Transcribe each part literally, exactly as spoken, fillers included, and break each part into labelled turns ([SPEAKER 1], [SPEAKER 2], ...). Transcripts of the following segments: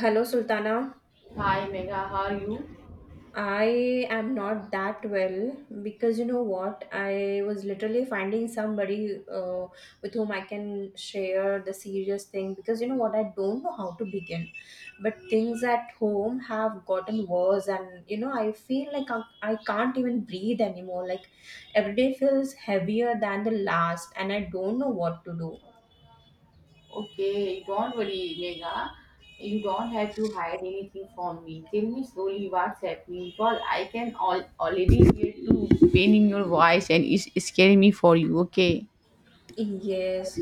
[SPEAKER 1] Hello, Sultana.
[SPEAKER 2] Hi Megha, how are you?
[SPEAKER 1] I am not that well because you know what? I was literally finding somebody uh, with whom I can share the serious thing because you know what? I don't know how to begin. But things at home have gotten worse, and you know, I feel like I, I can't even breathe anymore. Like every day feels heavier than the last, and I don't know what to do.
[SPEAKER 2] Okay, don't worry, Megha. You don't have to hide anything from me. Tell me slowly what's happening because I can all, already hear you pain in your voice and it's scaring me for you, okay?
[SPEAKER 1] Yes.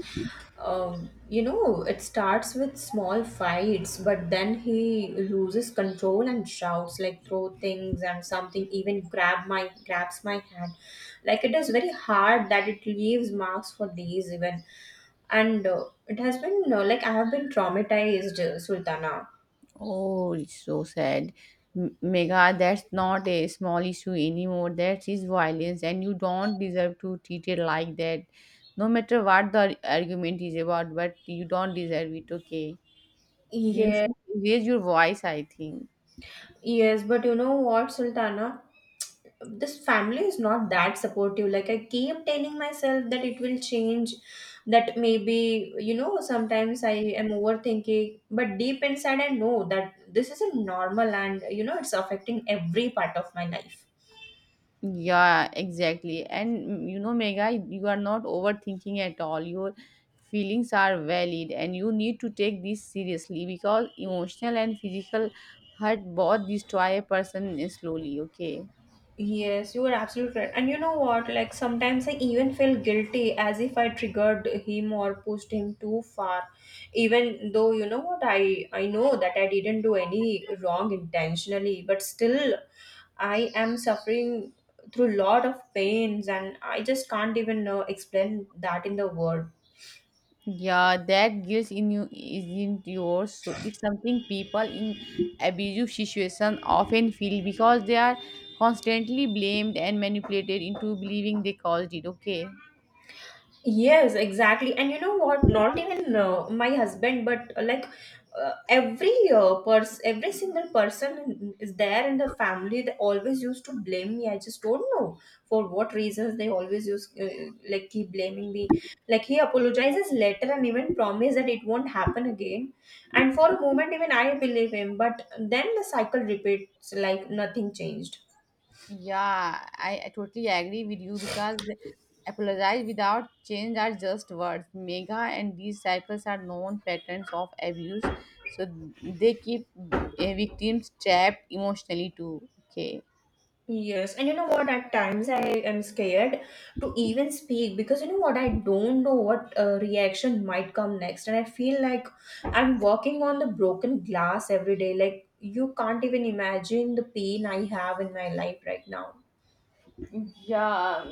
[SPEAKER 1] Um, you know, it starts with small fights, but then he loses control and shouts, like throw things and something even grab my grabs my hand. Like it is very hard that it leaves marks for days even. And uh, it has been uh, like I have been traumatized, uh, Sultana.
[SPEAKER 2] Oh, it's so sad. M- Megha, that's not a small issue anymore. That is violence, and you don't deserve to treat it like that. No matter what the ar- argument is about, but you don't deserve it, okay? You
[SPEAKER 1] Yes.
[SPEAKER 2] should raise your voice, I think.
[SPEAKER 1] Yes, but you know what, Sultana? This family is not that supportive. Like, I keep telling myself that it will change, that maybe, you know, sometimes I am overthinking, but deep inside, I know that this isn't normal and, you know, it's affecting every part of my life.
[SPEAKER 2] Yeah, exactly. And mm, you know, Mega, you are not overthinking at all. Your feelings are valid, and you need to take this seriously because emotional and physical hurt both destroy a person slowly. Okay.
[SPEAKER 1] Yes, you are absolutely right. And you know what? Like sometimes I even feel guilty as if I triggered him or pushed him too far. Even though you know what I I know that I didn't do any wrong intentionally, but still I am suffering through lot of pains and I just can't even uh, explain that in the word.
[SPEAKER 2] Yeah, that guilt in you isn't yours. So it's something people in abusive situation often feel because they are constantly blamed and manipulated into believing they caused it. Okay.
[SPEAKER 1] Yes, exactly. And you know what? Not even uh, my husband, but uh, like uh, every uh, person, every single person is there in the family. They always used to blame me. I just don't know for what reasons they always use uh, like keep blaming me. Like he apologizes later and even promise that it won't happen again. And for a moment, even I believe him. But then the cycle repeats like nothing changed.
[SPEAKER 2] Yeah, I, I totally agree with you because apologize without change are just words. Mega and these cycles are known patterns of abuse, so they keep uh, victims trapped emotionally too. Okay.
[SPEAKER 1] Yes, and you know what? At times I am scared to even speak because you know what? I don't know what uh, reaction might come next, and I feel like I'm walking on the broken glass every day. Like, you can't even imagine the pain I have in my life right now.
[SPEAKER 2] Yeah,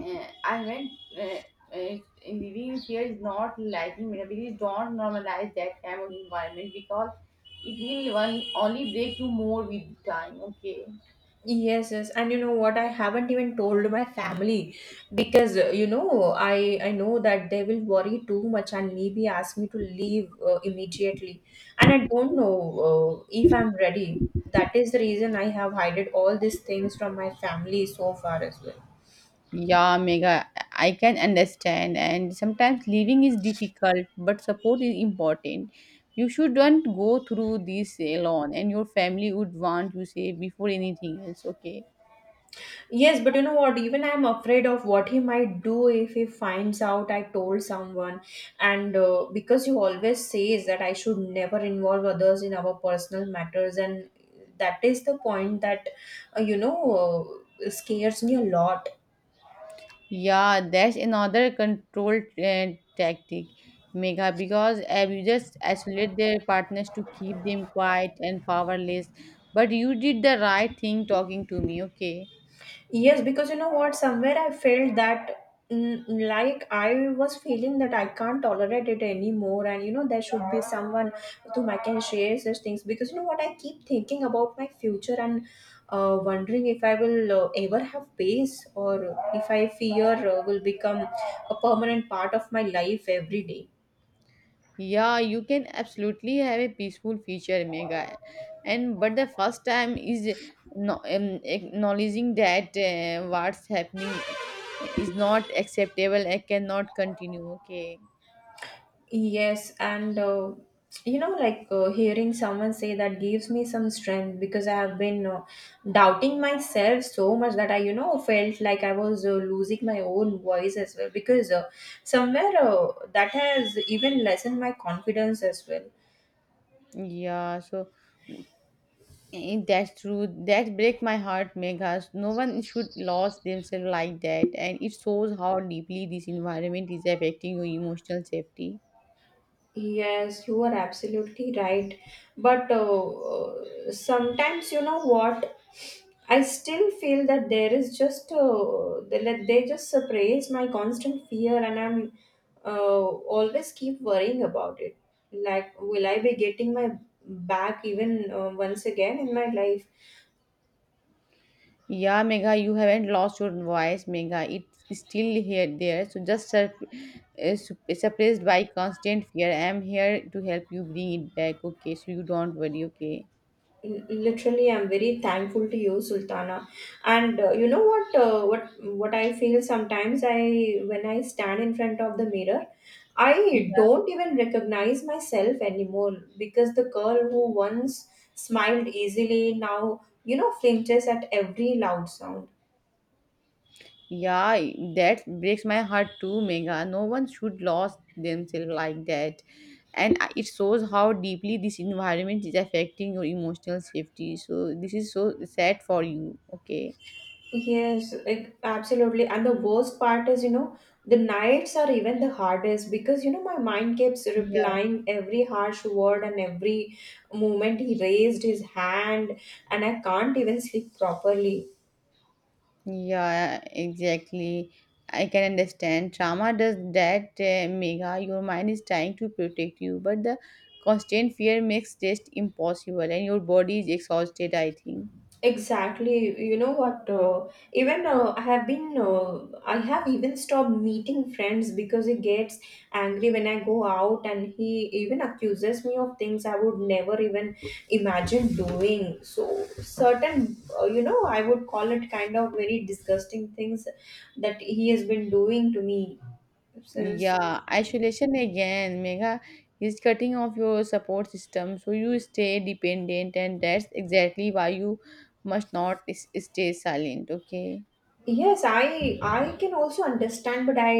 [SPEAKER 2] uh, I meant uh, uh, living in fear is not liking vulnerabilities. Don't normalize that kind of environment because it will one only break you more with time. Okay.
[SPEAKER 1] Yes, yes, and you know what? I haven't even told my family because uh, you know I I know that they will worry too much and maybe ask me to leave uh, immediately, and I don't know uh, if I'm ready. That is the reason I have hided all these things from my family so far as well.
[SPEAKER 2] Yeah, mega. I can understand. And sometimes leaving is difficult, but support is important. You shouldn't go through this alone, and your family would want you say before anything else. Okay.
[SPEAKER 1] Yes, but you know what? Even I'm afraid of what he might do if he finds out I told someone. And uh, because he always says that I should never involve others in our personal matters, and that is the point that, uh, you know, uh, scares me a lot.
[SPEAKER 2] Yeah, that's another control uh, tactic, Mega, because abusers isolate their partners to keep them quiet and powerless. But you did the right thing talking to me, okay?
[SPEAKER 1] Yes, because you know what, somewhere I felt that mm, like I was feeling that I can't tolerate it anymore, and you know, there should be someone to whom I can share such things because you know what, I keep thinking about my future and uh, wondering if I will uh, ever have peace or if I fear uh, will become a permanent part of my life every day.
[SPEAKER 2] Yeah, you can absolutely have a peaceful future, Mega. And but the first time is no, um, acknowledging that uh, what's happening is not acceptable. I cannot continue. Okay.
[SPEAKER 1] Yes, and uh, you know, like uh, hearing someone say that gives me some strength because I have been uh, doubting myself so much that I, you know, felt like I was uh, losing my own voice as well because uh, somewhere uh, that has even lessened my confidence as well.
[SPEAKER 2] Yeah. So eh, that's true. That break my heart, Megas. No one should lose themselves like that, and it shows how deeply this environment is affecting your emotional safety.
[SPEAKER 1] Yes, you are absolutely right. But uh, sometimes, you know what? I still feel that there is just uh, they, let- they just suppress my constant fear, and I'm uh, always keep worrying about it. Like, will I be getting my back even uh, once again in my life?
[SPEAKER 2] Yeah, Megha, you haven't lost your voice, Megha. It's still here, there. So just sur- uh, sup- suppressed by constant fear. I'm here to help you bring it back. Okay, so you don't worry. Okay.
[SPEAKER 1] L- literally I'm very thankful to you, Sultana, and uh, you know what, uh, what what I feel sometimes, I when I stand in front of the mirror, I don't even recognize myself anymore because the girl who once smiled easily now, you know, flinches at every loud sound.
[SPEAKER 2] Yeah, that breaks my heart too, Megha. No one should lose themselves like that, and I- it shows how deeply this environment is affecting your emotional safety. So this is so sad for you. Okay.
[SPEAKER 1] Yes, like absolutely. And the worst part is, you know, the nights are even the hardest because, you know, my mind keeps
[SPEAKER 2] Yeah.
[SPEAKER 1] replying every harsh word and every moment he raised his hand, and I can't even sleep properly.
[SPEAKER 2] Yeah, exactly. I can understand. Trauma does that, uh, Megha. Your mind is trying to protect you, but the constant fear makes test impossible, and your body is exhausted, I think.
[SPEAKER 1] Exactly. You know what? Uh, even uh, I have been, uh, I have even stopped meeting friends because he gets angry when I go out and he even accuses me of things I would never even imagine doing. So, certain, uh, you know, I would call it kind of very disgusting things that he has been doing to me since.
[SPEAKER 2] Yeah, isolation again, Megha, is cutting off your support system, so you stay dependent, and that's exactly why you must not s- stay silent, okay?
[SPEAKER 1] Yes, I I can also understand, but I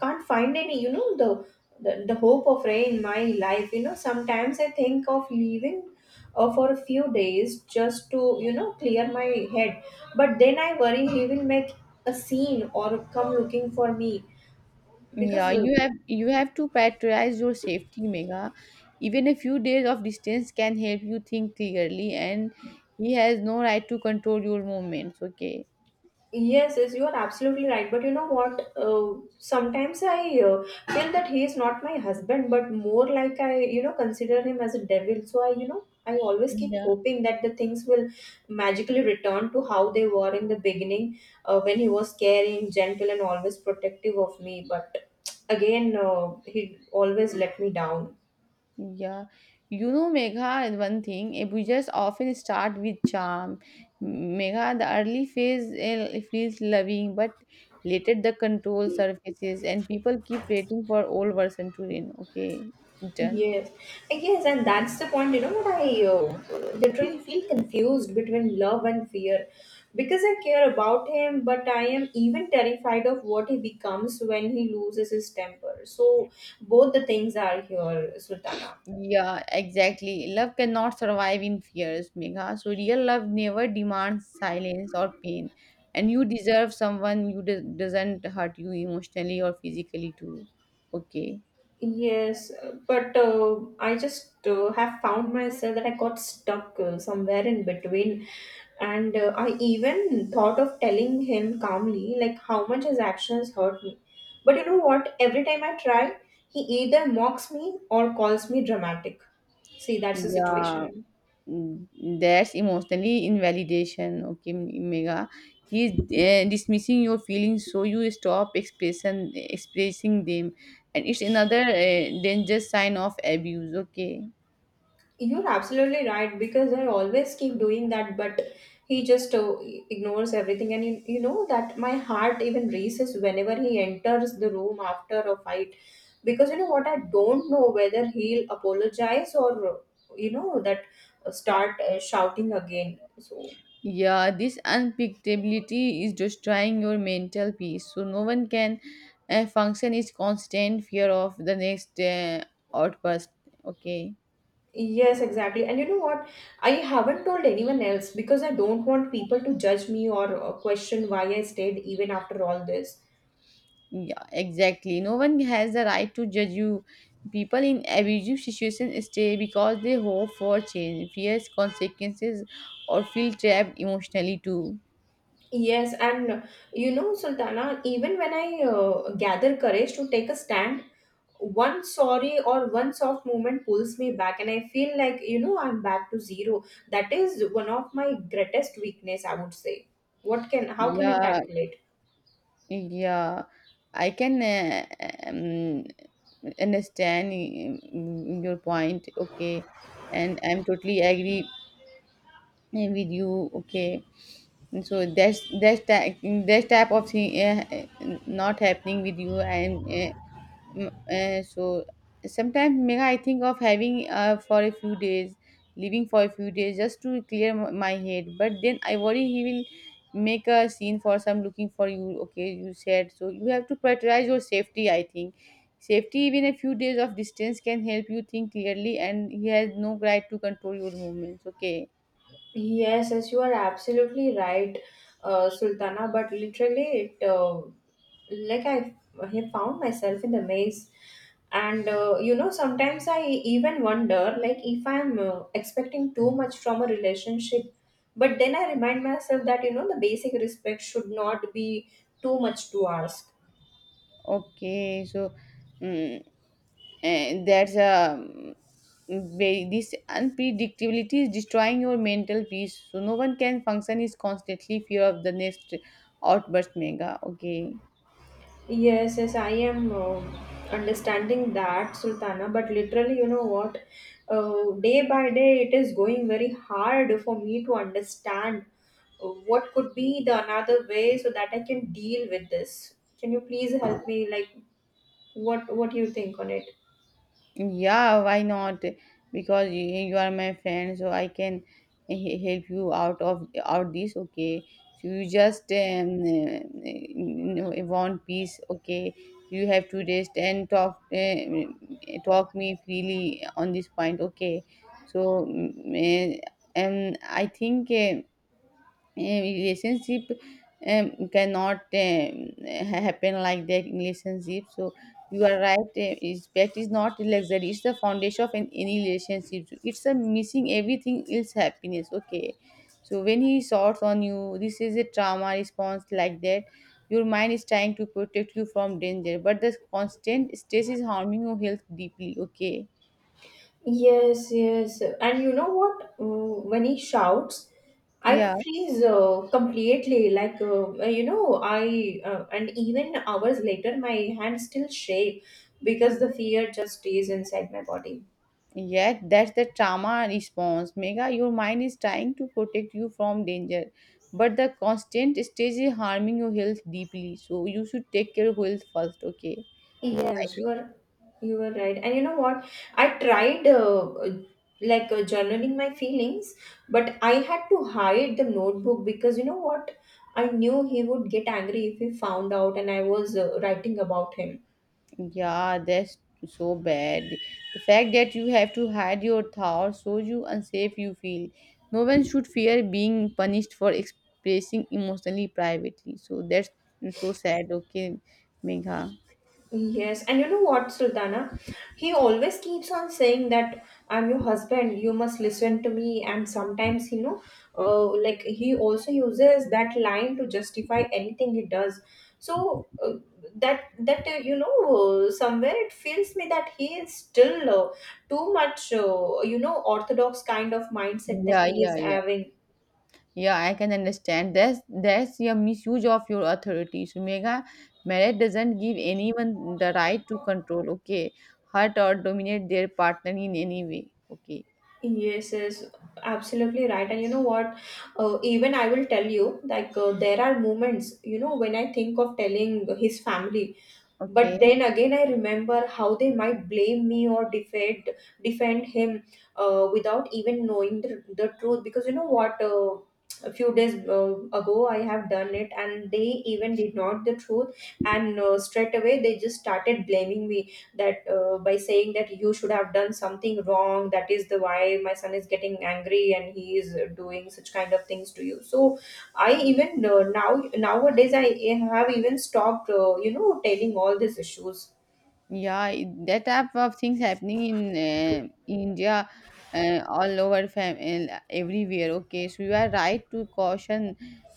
[SPEAKER 1] can't find any, you know, the the, the hope of rain in my life. You know, sometimes I think of leaving uh, for a few days just to, you know, clear my head. But then I worry he will make a scene or come looking for me
[SPEAKER 2] Yeah,
[SPEAKER 1] because uh,
[SPEAKER 2] you have you have to prioritize your safety, Mega. Even a few days of distance can help you think clearly, and he has no right to control your movements. Okay.
[SPEAKER 1] yes, yes, you are absolutely right. But you know what? Uh, sometimes I uh, feel that he is not my husband, but more like I, you know, consider him as a devil. So I, you know, I always keep
[SPEAKER 2] Yeah,
[SPEAKER 1] hoping that the things will magically return to how they were in the beginning, uh, when he was caring, gentle, and always protective of me. But again, uh, he always let me down.
[SPEAKER 2] yeah. You know, Megha, one thing, abusers often start with charm. Megha, the early phase eh, feels loving, but later the control surfaces, and people keep waiting for old version to reign. Okay, return.
[SPEAKER 1] Yes, yes, and that's the point. You know what I uh, literally feel confused between love and fear because I care about him, but I am even terrified of what he becomes when he loses his temper. So both the things are here, Sultana.
[SPEAKER 2] Yeah, exactly. Love cannot survive in fears, Megha. So real love never demands silence or pain. And you deserve someone who do- doesn't hurt you emotionally or physically too. Okay.
[SPEAKER 1] Yes, uh, but uh, I just uh, have found myself that I got stuck uh, somewhere in between, and uh, I even thought of telling him calmly, like how much his actions hurt me. But you know what? Every time I try, he either mocks me or calls me dramatic. See, that's the
[SPEAKER 2] Yeah,
[SPEAKER 1] situation.
[SPEAKER 2] mm, that's emotionally invalidation. Okay, Mega. He's uh, dismissing your feelings, so you stop expression expressing them, and it's another uh, dangerous sign of abuse. Okay.
[SPEAKER 1] You're absolutely right because I always keep doing that, but he just uh, ignores everything. And you, you know that my heart even races whenever he enters the room after a fight because you know what I don't know whether he'll apologize or uh, you know that uh, start uh, shouting again. So,
[SPEAKER 2] Yeah, this unpredictability is destroying your mental peace. So no one can uh, function is constant fear of the next uh, outburst. Okay.
[SPEAKER 1] yes, exactly. And you know what? I haven't told anyone else because I don't want people to judge me or uh, question why I stayed even after all this.
[SPEAKER 2] Yeah, exactly. No one has the right to judge you. People in abusive situations stay because they hope for change, fears consequences, or feel trapped emotionally too.
[SPEAKER 1] Yes, and you know, Sultana, even when I uh, gather courage to take a stand, one sorry or one soft moment pulls me back, and I feel like you know I'm back to zero. That is one of my greatest weakness, I would say. What can How can I
[SPEAKER 2] Yeah,
[SPEAKER 1] tackle it?
[SPEAKER 2] Yeah, I can uh, um, understand mm, your point. Okay, and I'm totally agree eh, with you. Okay, and so that's that's that type of thing uh, not happening with you, and uh, Mm, eh, so sometimes Megha, I think of having uh, for a few days, leaving for a few days just to clear m- my head. But then I worry he will make a scene for some looking for you. Okay, you said so. You have to prioritize your safety. I think safety, even a few days of distance, can help you think clearly. And he has no right to control your movements. Okay,
[SPEAKER 1] Yes, yes, you are absolutely right, uh, Sultana. But literally, it uh, like I, I found myself in the maze, and uh, you know, sometimes I even wonder, like, if I'm uh, expecting too much from a relationship. But then I remind myself that you know the basic respect should not be too much to ask.
[SPEAKER 2] okay. So, mm and that's um, very this unpredictability is destroying your mental peace so no one can function is constantly fear of the next outburst mega okay.
[SPEAKER 1] Yes, yes, I am uh, understanding that, Sultana. But literally, you know what? Uh, day by day, it is going very hard for me to understand uh, what could be the another way so that I can deal with this. Can you please help me? Like, what what you think on it?
[SPEAKER 2] Yeah, why not? Because you, you are my friend, so I can he- help you out of out this. Okay, so you just um, uh, uh, want peace. Okay, you have to rest and talk uh, talk me freely on this point. Okay, so mm, eh, and I think. Uh, a relationship um, cannot um, ha- happen like that in relationship so you are right uh, respect is not a luxury, it's the foundation of an, any relationship. So, it's a missing everything else happiness okay, so when he shouts on you this is a trauma response like that, your mind is trying to protect you from danger, but the constant stress is harming your health deeply, okay.
[SPEAKER 1] Yes, yes. And you know what? Mm, When he shouts, I
[SPEAKER 2] yeah
[SPEAKER 1] freeze uh, completely. Like, uh, uh, you know, I, uh, and even hours later, my hands still shake because the fear just stays inside my body.
[SPEAKER 2] Yet, that's the trauma response. Mega, your mind is trying to protect you from danger, but the constant stage is harming your health deeply. So, you should take care of health first, okay?
[SPEAKER 1] Yes, you are, you were right. And you know what? I tried, uh, uh, like, uh, journaling my feelings, but I had to hide the notebook because you know what? I knew he would get angry if he found out and I was uh, writing about him.
[SPEAKER 2] Yeah, that's so bad. The fact that you have to hide your thoughts shows you unsafe you feel. No one should fear being punished for expressing emotionally privately. So, that's so sad, okay, Megha?
[SPEAKER 1] Yes, and you know what, Sultana? He always keeps on saying that I'm your husband, you must listen to me. And sometimes, you know, uh, like he also uses that line to justify anything he does. So uh, that that uh, you know, uh, somewhere it feels me that he is still uh, too much, uh, you know, orthodox kind of mindset that
[SPEAKER 2] Yeah,
[SPEAKER 1] he
[SPEAKER 2] yeah,
[SPEAKER 1] is
[SPEAKER 2] yeah.
[SPEAKER 1] having.
[SPEAKER 2] Yeah, I can understand. That's that's your misuse of your authority. So, mega marriage doesn't give anyone the right to control, okay, hurt or dominate their partner in any way. Okay.
[SPEAKER 1] Yes, yes, absolutely right. And you know what? Uh, even I will tell you, like, uh, there are moments, you know, when I think of telling his family, but
[SPEAKER 2] Okay.
[SPEAKER 1] then again I remember how they might blame me or defend defend him, uh, without even knowing the, the truth. Because you know what? Uh, a few days uh, ago I have done it, and they even did not the truth, and uh, straight away they just started blaming me that, uh, by saying that you should have done something wrong, that is the why my son is getting angry and he is doing such kind of things to you. So I even, uh, now nowadays I have even stopped, uh, you know, telling all these issues.
[SPEAKER 2] Yeah, i- that type of things happening in uh, India, uh, all over fam uh, everywhere. Okay, so you are right to caution.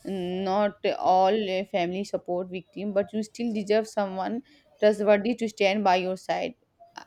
[SPEAKER 2] mm, Not all uh, family support victim, but you still deserve someone trustworthy to stand by your side.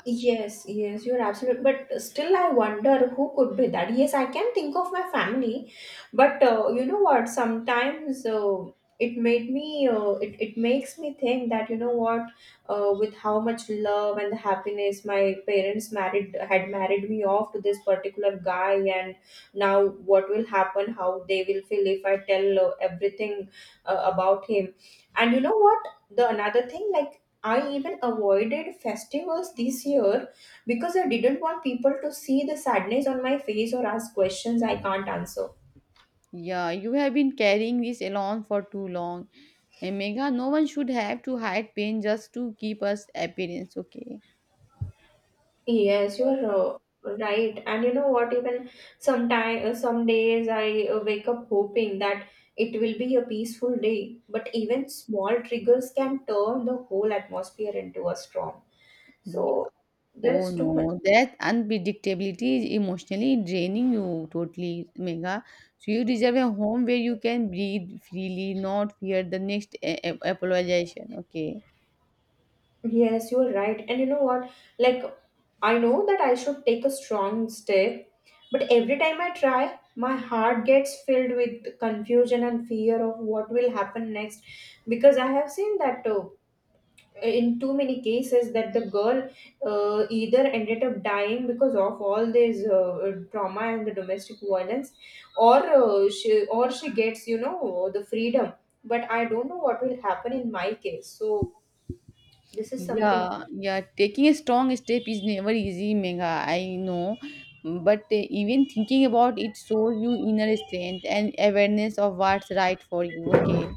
[SPEAKER 1] Yes, yes, you're absolutely. But still, I wonder who could be that. Yes, I can think of my family, but uh, you know what? Sometimes uh, it made me. Uh, it it makes me think that, you know what, uh, with how much love and happiness my parents married had married me off to this particular guy, and now what will happen? How they will feel if I tell uh, everything uh, about him? And you know what? The another thing, like, I even avoided festivals this year because I didn't want people to see the sadness on my face or ask questions I can't answer.
[SPEAKER 2] Yeah, you have been carrying this alone for too long. And Megha, no one should have to hide pain just to keep us appearance, okay?
[SPEAKER 1] Yes, you're uh, right. And you know what? Even sometime, uh, some days I uh, wake up hoping that it will be a peaceful day, but even small triggers can turn the whole atmosphere into a storm.
[SPEAKER 2] Ye-
[SPEAKER 1] So there
[SPEAKER 2] Oh
[SPEAKER 1] is too much.
[SPEAKER 2] no, that unpredictability is emotionally draining you totally, Megha. So you deserve a home where you can breathe freely, not fear the next a- a- apologization, okay?
[SPEAKER 1] Yes, you are right. And you know what? Like, I know that I should take a strong step, but every time I try, my heart gets filled with confusion and fear of what will happen next. Because I have seen that, uh, in too many cases, that the girl uh, either ended up dying because of all this uh, trauma and the domestic violence, or uh, she or she gets, you know, the freedom. But I don't know what will happen in my case. So this is something.
[SPEAKER 2] Yeah, yeah, taking a strong step is never easy, Megha. I know, but uh, even thinking about it shows you inner strength and awareness of what's right for you. Okay.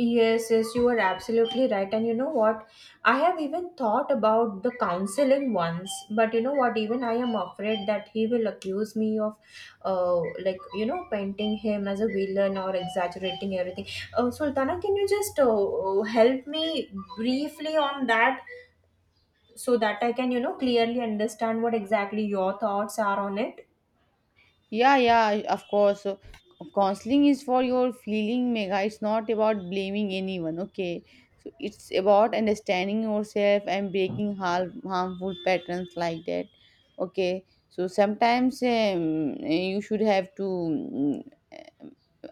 [SPEAKER 1] Yes, yes, you are absolutely right. And you know what? I have even thought about the counseling once, but you know what? Even I am afraid that he will accuse me of, uh, like, you know, painting him as a villain or exaggerating everything. Uh, Sultana, can you just uh, help me briefly on that, so that I can, you know, clearly understand what exactly your thoughts are on it?
[SPEAKER 2] Yeah, yeah, of course. So, counseling is for your feeling, Mega. It's not about blaming anyone, okay? So it's about understanding yourself and breaking harm, harmful patterns like that, okay? So sometimes um, you should have to mm,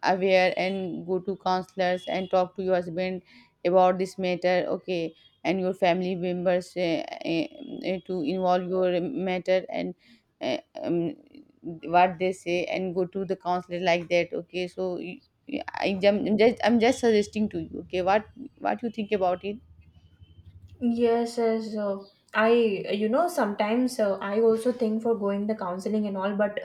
[SPEAKER 2] aware and go to counselors and talk to your husband about this matter, okay? And your family members uh, uh, uh, to involve your matter and uh, um, what they say and go to the counselor like that, okay. So y- y- I jump- i'm just i'm just suggesting to you, okay? what what you think about it?
[SPEAKER 1] Yes, yes. Uh, I, you know, sometimes uh, I also think for going the counseling and all, but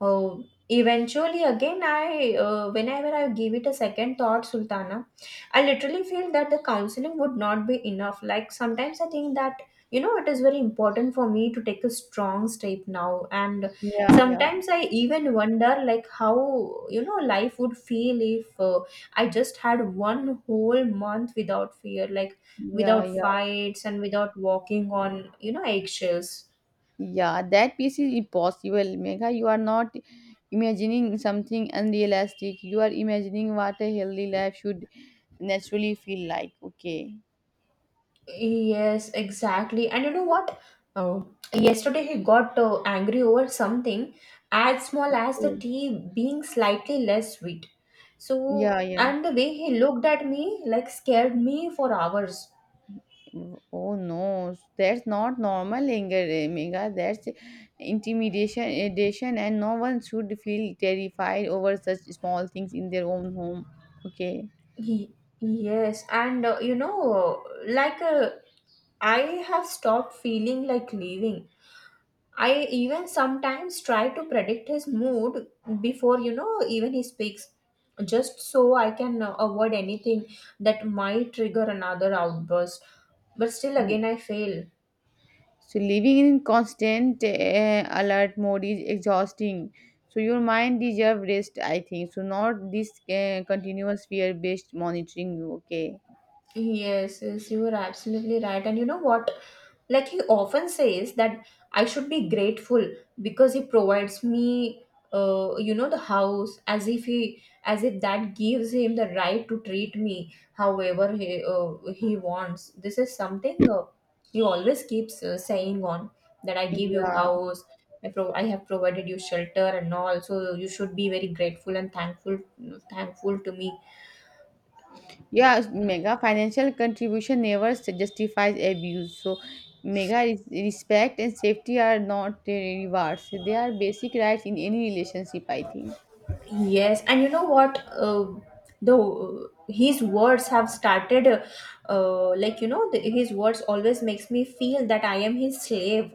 [SPEAKER 1] uh, eventually, again, I, uh, whenever I give it a second thought, Sultana, I literally feel that the counseling would not be enough. Like sometimes I think that, you know, it is very important for me to take a strong step now. And
[SPEAKER 2] yeah yeah
[SPEAKER 1] sometimes I even wonder, like, how, you know, life would feel if uh, I just had one whole month without fear. Like,
[SPEAKER 2] yeah
[SPEAKER 1] without
[SPEAKER 2] yeah
[SPEAKER 1] fights and without walking on, you know, eggshells.
[SPEAKER 2] yeah, that piece is impossible, Megha. You are not imagining something unrealistic, you are imagining what a healthy life should naturally feel like, okay.
[SPEAKER 1] Yes, exactly. And you know what? Oh, yesterday he got uh, angry over something as small as the
[SPEAKER 2] yeah
[SPEAKER 1] tea being slightly less sweet. So,
[SPEAKER 2] yeah yeah
[SPEAKER 1] and the way he looked at me, like, scared me for hours.
[SPEAKER 2] Oh no, that's not normal anger, eh, that's intimidation, addition, and no one should feel terrified over such small things in their own home. Okay.
[SPEAKER 1] he, yes, and uh, you know, like uh, I have stopped feeling like leaving. I even sometimes try to predict his mood before, you know, even he speaks, just so I can uh, avoid anything that might trigger another outburst. But still,
[SPEAKER 2] Mm.
[SPEAKER 1] again, I fail.
[SPEAKER 2] So living in constant eh, alert mode is exhausting. So your mind deserves rest, I think. So not this eh, continuous fear-based monitoring. Okay.
[SPEAKER 1] Yes, yes, you are absolutely right. And you know what? Like, he often says that I should be grateful because he provides me, uh, you know, the house, as if he, as if that gives him the right to treat me however he uh, he wants. This is something uh, he always keeps uh, saying on, that I give you
[SPEAKER 2] Yeah.
[SPEAKER 1] house, I pro- I have provided you shelter and all, so you should be very grateful and thankful, thankful to me.
[SPEAKER 2] Yeah, mega, financial contribution never s- justifies abuse. So, mega res- respect and safety are not uh, rewards. They are basic rights in any relationship, I think.
[SPEAKER 1] Yes, and you know what? Uh, the his words have started, uh, uh, like, you know, the, his words always makes me feel that I am his slave,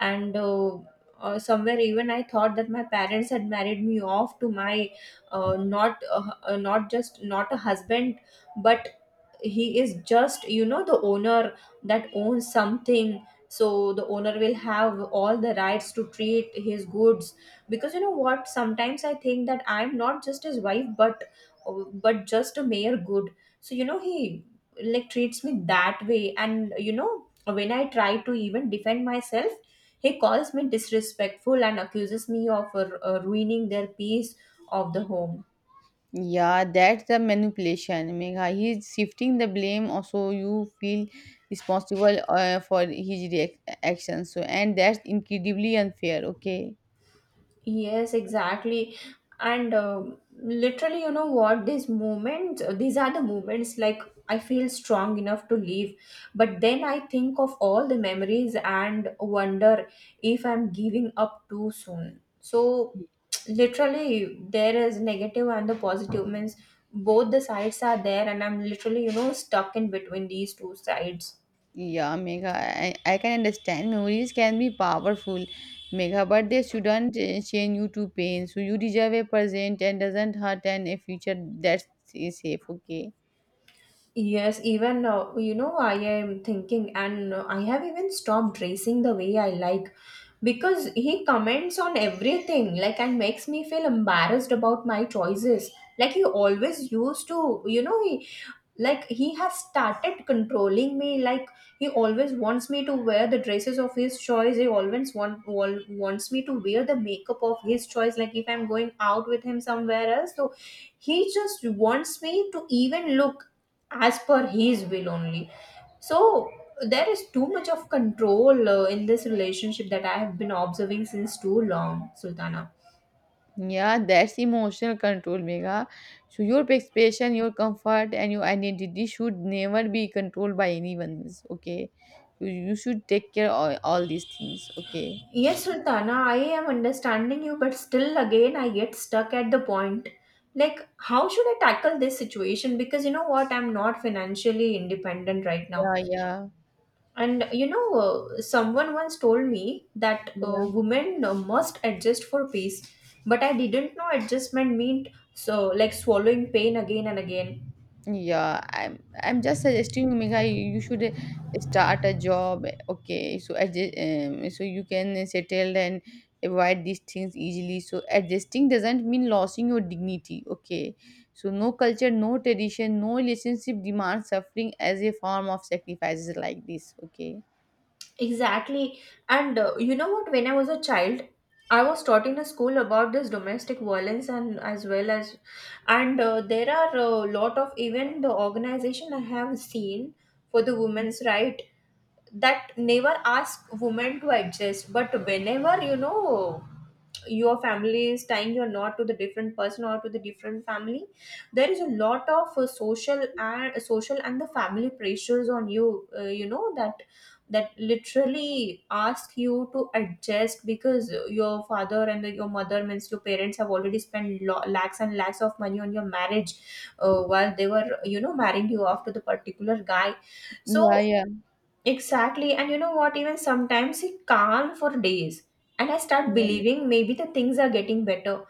[SPEAKER 1] and uh, uh, somewhere even I thought that my parents had married me off to my, uh, not, uh, uh, not just not a husband, but he is just, you know, the owner, that owns something. So the owner will have all the rights to treat his goods. Because you know what, sometimes I think that I'm not just his wife, but but just a mere good. So, you know, he like treats me that way. And you know, when I try to even defend myself, he calls me disrespectful and accuses me of uh, ruining their peace of the home.
[SPEAKER 2] Yeah, that's the manipulation. Mega, he's shifting the blame, also, you feel responsible uh, for his reac- actions. So, and that's incredibly unfair, okay?
[SPEAKER 1] Yes, exactly. And um, literally, you know what? These moments, these are the moments like, I feel strong enough to leave. But then I think of all the memories and wonder if I'm giving up too soon. So, literally, there is negative and the positive, means both the sides are there, and I'm literally, you know, stuck in between these two sides.
[SPEAKER 2] Yeah, Megha, I, I can understand memories can be powerful, Megha, but they shouldn't uh, chain you to pain. So you deserve a present and doesn't hurt and a future that's is safe, okay?
[SPEAKER 1] Yes, even uh, you know, I am thinking, and uh, I have even stopped dressing the way I like because he comments on everything, like, and makes me feel embarrassed about my choices. Like, he always used to, you know, he like, he has started controlling me. Like, he always wants me to wear the dresses of his choice. He always want, wal- wants me to wear the makeup of his choice. Like, if I'm going out with him somewhere else, so he just wants me to even look as per his will only. So there is too much of control uh, in this relationship that I have been observing since too long, Sultana.
[SPEAKER 2] Yeah, that's emotional control, Megha. So your expression, your comfort, and your identity should never be controlled by anyone, else, okay? You, you should take care of all these things, okay?
[SPEAKER 1] Yes, Sultana, I am understanding you, but still again I get stuck at the point, like, how should I tackle this situation? Because you know what, I'm not financially independent right now.
[SPEAKER 2] Yeah, yeah,
[SPEAKER 1] And you know, uh, someone once told me that
[SPEAKER 2] yeah.
[SPEAKER 1] uh, women uh, must adjust for peace, but I didn't know adjustment meant so, like, swallowing pain again and again.
[SPEAKER 2] Yeah, I'm I'm just suggesting you, Megha, you should uh, start a job. Okay, so adjust, um, so you can settle and avoid these things easily. So adjusting doesn't mean losing your dignity. Okay, so no culture, no tradition, no relationship demands suffering as a form of sacrifices like this. Okay.
[SPEAKER 1] Exactly. And uh, you know what? When I was a child, I was taught in a school about this domestic violence, and as well as, and uh, there are a lot of even the organization I have seen for the women's right, that never ask women to adjust. But whenever, you know, your family is tying you not to the different person or to the different family, there is a lot of uh, social and social and the family pressures on you, uh, you know, that that literally ask you to adjust, because your father and the, your mother, means your parents, have already spent lo- lakhs and lakhs of money on your marriage, uh, while they were, you know, marrying you off to the particular guy.
[SPEAKER 2] Yeah,
[SPEAKER 1] So,
[SPEAKER 2] yeah.
[SPEAKER 1] exactly. And you know what? Even sometimes it calm for days, and I start believing maybe the things are getting better.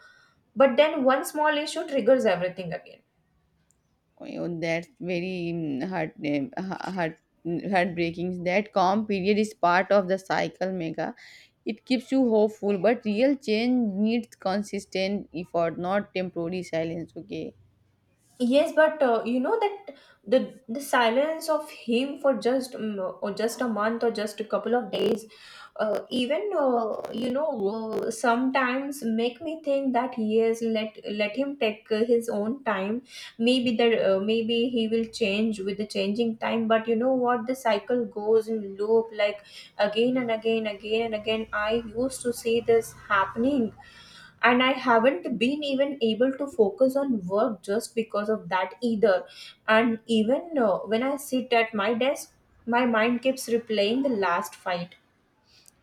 [SPEAKER 1] But then one small issue triggers everything again.
[SPEAKER 2] Oh, that's very mm, heart, eh, ha- heart, mm, heartbreaking. That calm period is part of the cycle, Mega. It keeps you hopeful, but real change needs consistent effort, not temporary silence. Okay.
[SPEAKER 1] Yes, but uh, you know, that the the silence of him for just um, or just a month or just a couple of days, uh, even uh, you know, uh, sometimes make me think that, yes, let let him take uh, his own time. Maybe there uh, maybe he will change with the changing time. But you know what, the cycle goes in loop, like again and again, again and again. I used to see this happening, and I haven't been even able to focus on work just because of that either. And even, uh, when I sit at my desk, my mind keeps replaying the last fight.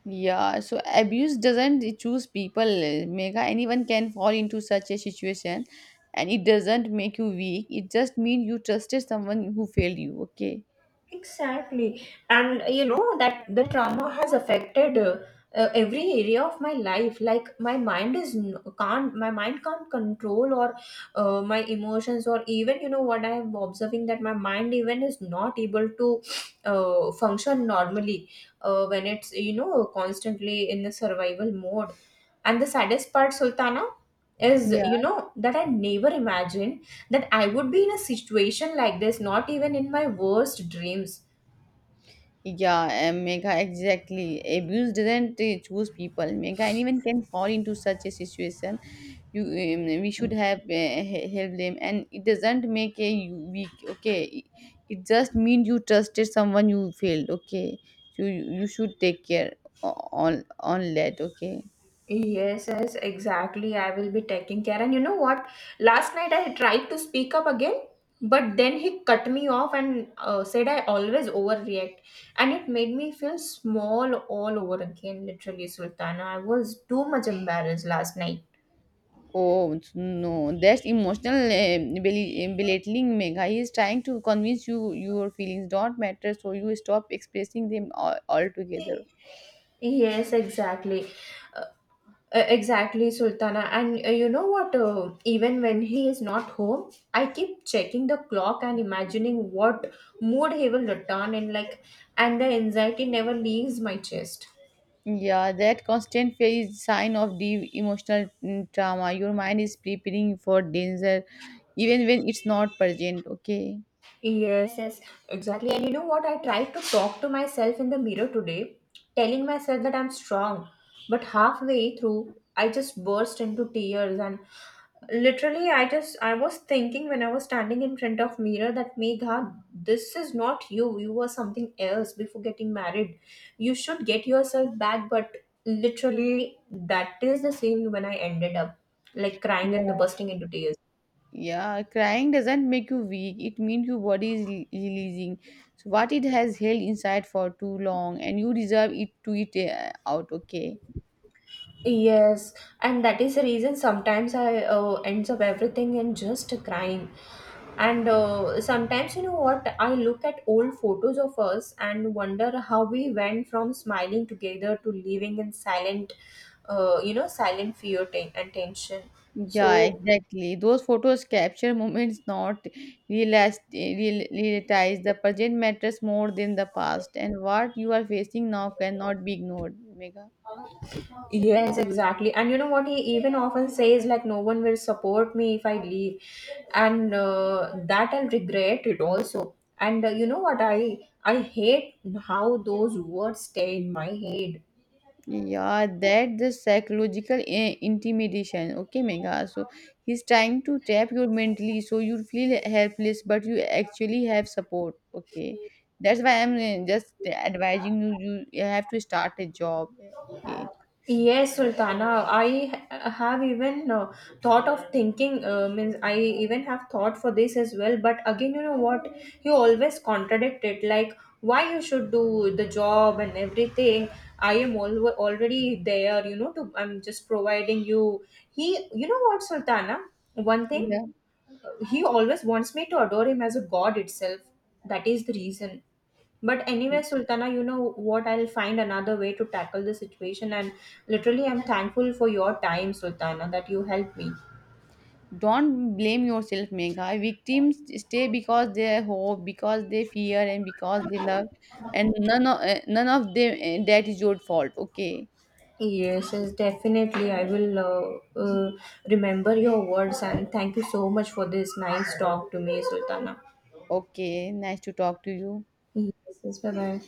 [SPEAKER 2] Yeah, so abuse doesn't choose people, eh, Mega. Anyone can fall into such a situation, and it doesn't make you weak. It just means you trusted someone who failed you. Okay.
[SPEAKER 1] Exactly. And uh, you know that the trauma has affected, uh, uh, every area of my life. Like my mind is n- can't my mind can't control or uh, my emotions. Or even, you know what, I am observing that my mind even is not able to uh, function normally uh, when it's, you know, constantly in the survival mode. And the saddest part, Sultana, is, you
[SPEAKER 2] Yeah.
[SPEAKER 1] know, that I never imagined that I would be in a situation like this, not even in my worst dreams.
[SPEAKER 2] Yeah, and Megha, exactly. Abuse does not uh, choose people. Megha, anyone can fall into such a situation. You, um, we should have uh, he- helped them, and it doesn't make a you weak. Okay, it it just means you trusted someone you failed. Okay, so you, you should take care o- on on that. Okay.
[SPEAKER 1] Yes, yes, exactly. I will be taking care. And you know what? Last night I tried to speak up again, but then he cut me off and uh, said I always overreact. And it made me feel small all over again, literally, Sultana. I was too much embarrassed last night.
[SPEAKER 2] Oh so, no, that's emotional uh, bel- belittling, Megha. He is trying to convince you your feelings don't matter, so you stop expressing them all altogether.
[SPEAKER 1] Yes, exactly. Uh, Uh, exactly, Sultana. And uh, you know what? Uh, even when he is not home, I keep checking the clock and imagining what mood he will return in, like, and the anxiety never leaves my chest.
[SPEAKER 2] Yeah, that constant fear is sign of deep emotional mm, trauma. Your mind is preparing for danger even when it's not present, okay?
[SPEAKER 1] Yes, yes, exactly. And you know what? I tried to talk to myself in the mirror today, telling myself that I'm strong. But halfway through, I just burst into tears, and literally, I just I was thinking, when I was standing in front of mirror, that Megha, this is not you. You were something else before getting married. You should get yourself back. But literally, that is the same, when I ended up like crying
[SPEAKER 2] Yeah.
[SPEAKER 1] and bursting into tears.
[SPEAKER 2] Yeah, crying doesn't make you weak. It means your body is re- releasing. So what it has held inside for too long and you deserve it to it uh, out, okay?
[SPEAKER 1] Yes, and that is the reason sometimes I uh, ends up everything in just crying. And uh, sometimes, you know what, I look at old photos of us and wonder how we went from smiling together to living in silent, uh, you know, silent fear ten- and tension.
[SPEAKER 2] Yeah,
[SPEAKER 1] So,
[SPEAKER 2] exactly. Those photos capture moments not realized, real, realized. The present matters more than the past, and what you are facing now cannot be ignored, Mega.
[SPEAKER 1] yes, exactly. And you know what, he even often says, like, no one will support me if I leave, and uh, that I'll regret it also. And uh, you know what, I I hate how those words stay in my head.
[SPEAKER 2] Yeah, that the psychological eh, intimidation. Okay, Mega. So he's trying to trap you mentally, so you feel helpless, but you actually have support. Okay, that's why I'm eh, just advising you. You you have to start a job. Okay.
[SPEAKER 1] Yes, Sultana. I ha- have even uh, thought of thinking. Uh, means, I even have thought for this as well. But again, you know what, you always contradict it. Like, why you should do the job and everything. I am al- already there, you know. To, I'm just providing you. He, you know what, Sultana, one thing,
[SPEAKER 2] Yeah.
[SPEAKER 1] he always wants me to adore him as a god itself. That is the reason. But anyway, Sultana, you know what, I'll find another way to tackle the situation. And literally, I'm thankful for your time, Sultana, that you helped me.
[SPEAKER 2] Don't blame yourself, Megha. Victims stay because they hope, because they fear, and because they love, and none of eh, none of them eh, that is your fault. Okay,
[SPEAKER 1] Yes, yes, definitely. I will uh, uh, remember your words. And thank you so much for this nice talk to me, Sultana.
[SPEAKER 2] okay. Nice to talk to you.
[SPEAKER 1] Yes, yes, bye bye.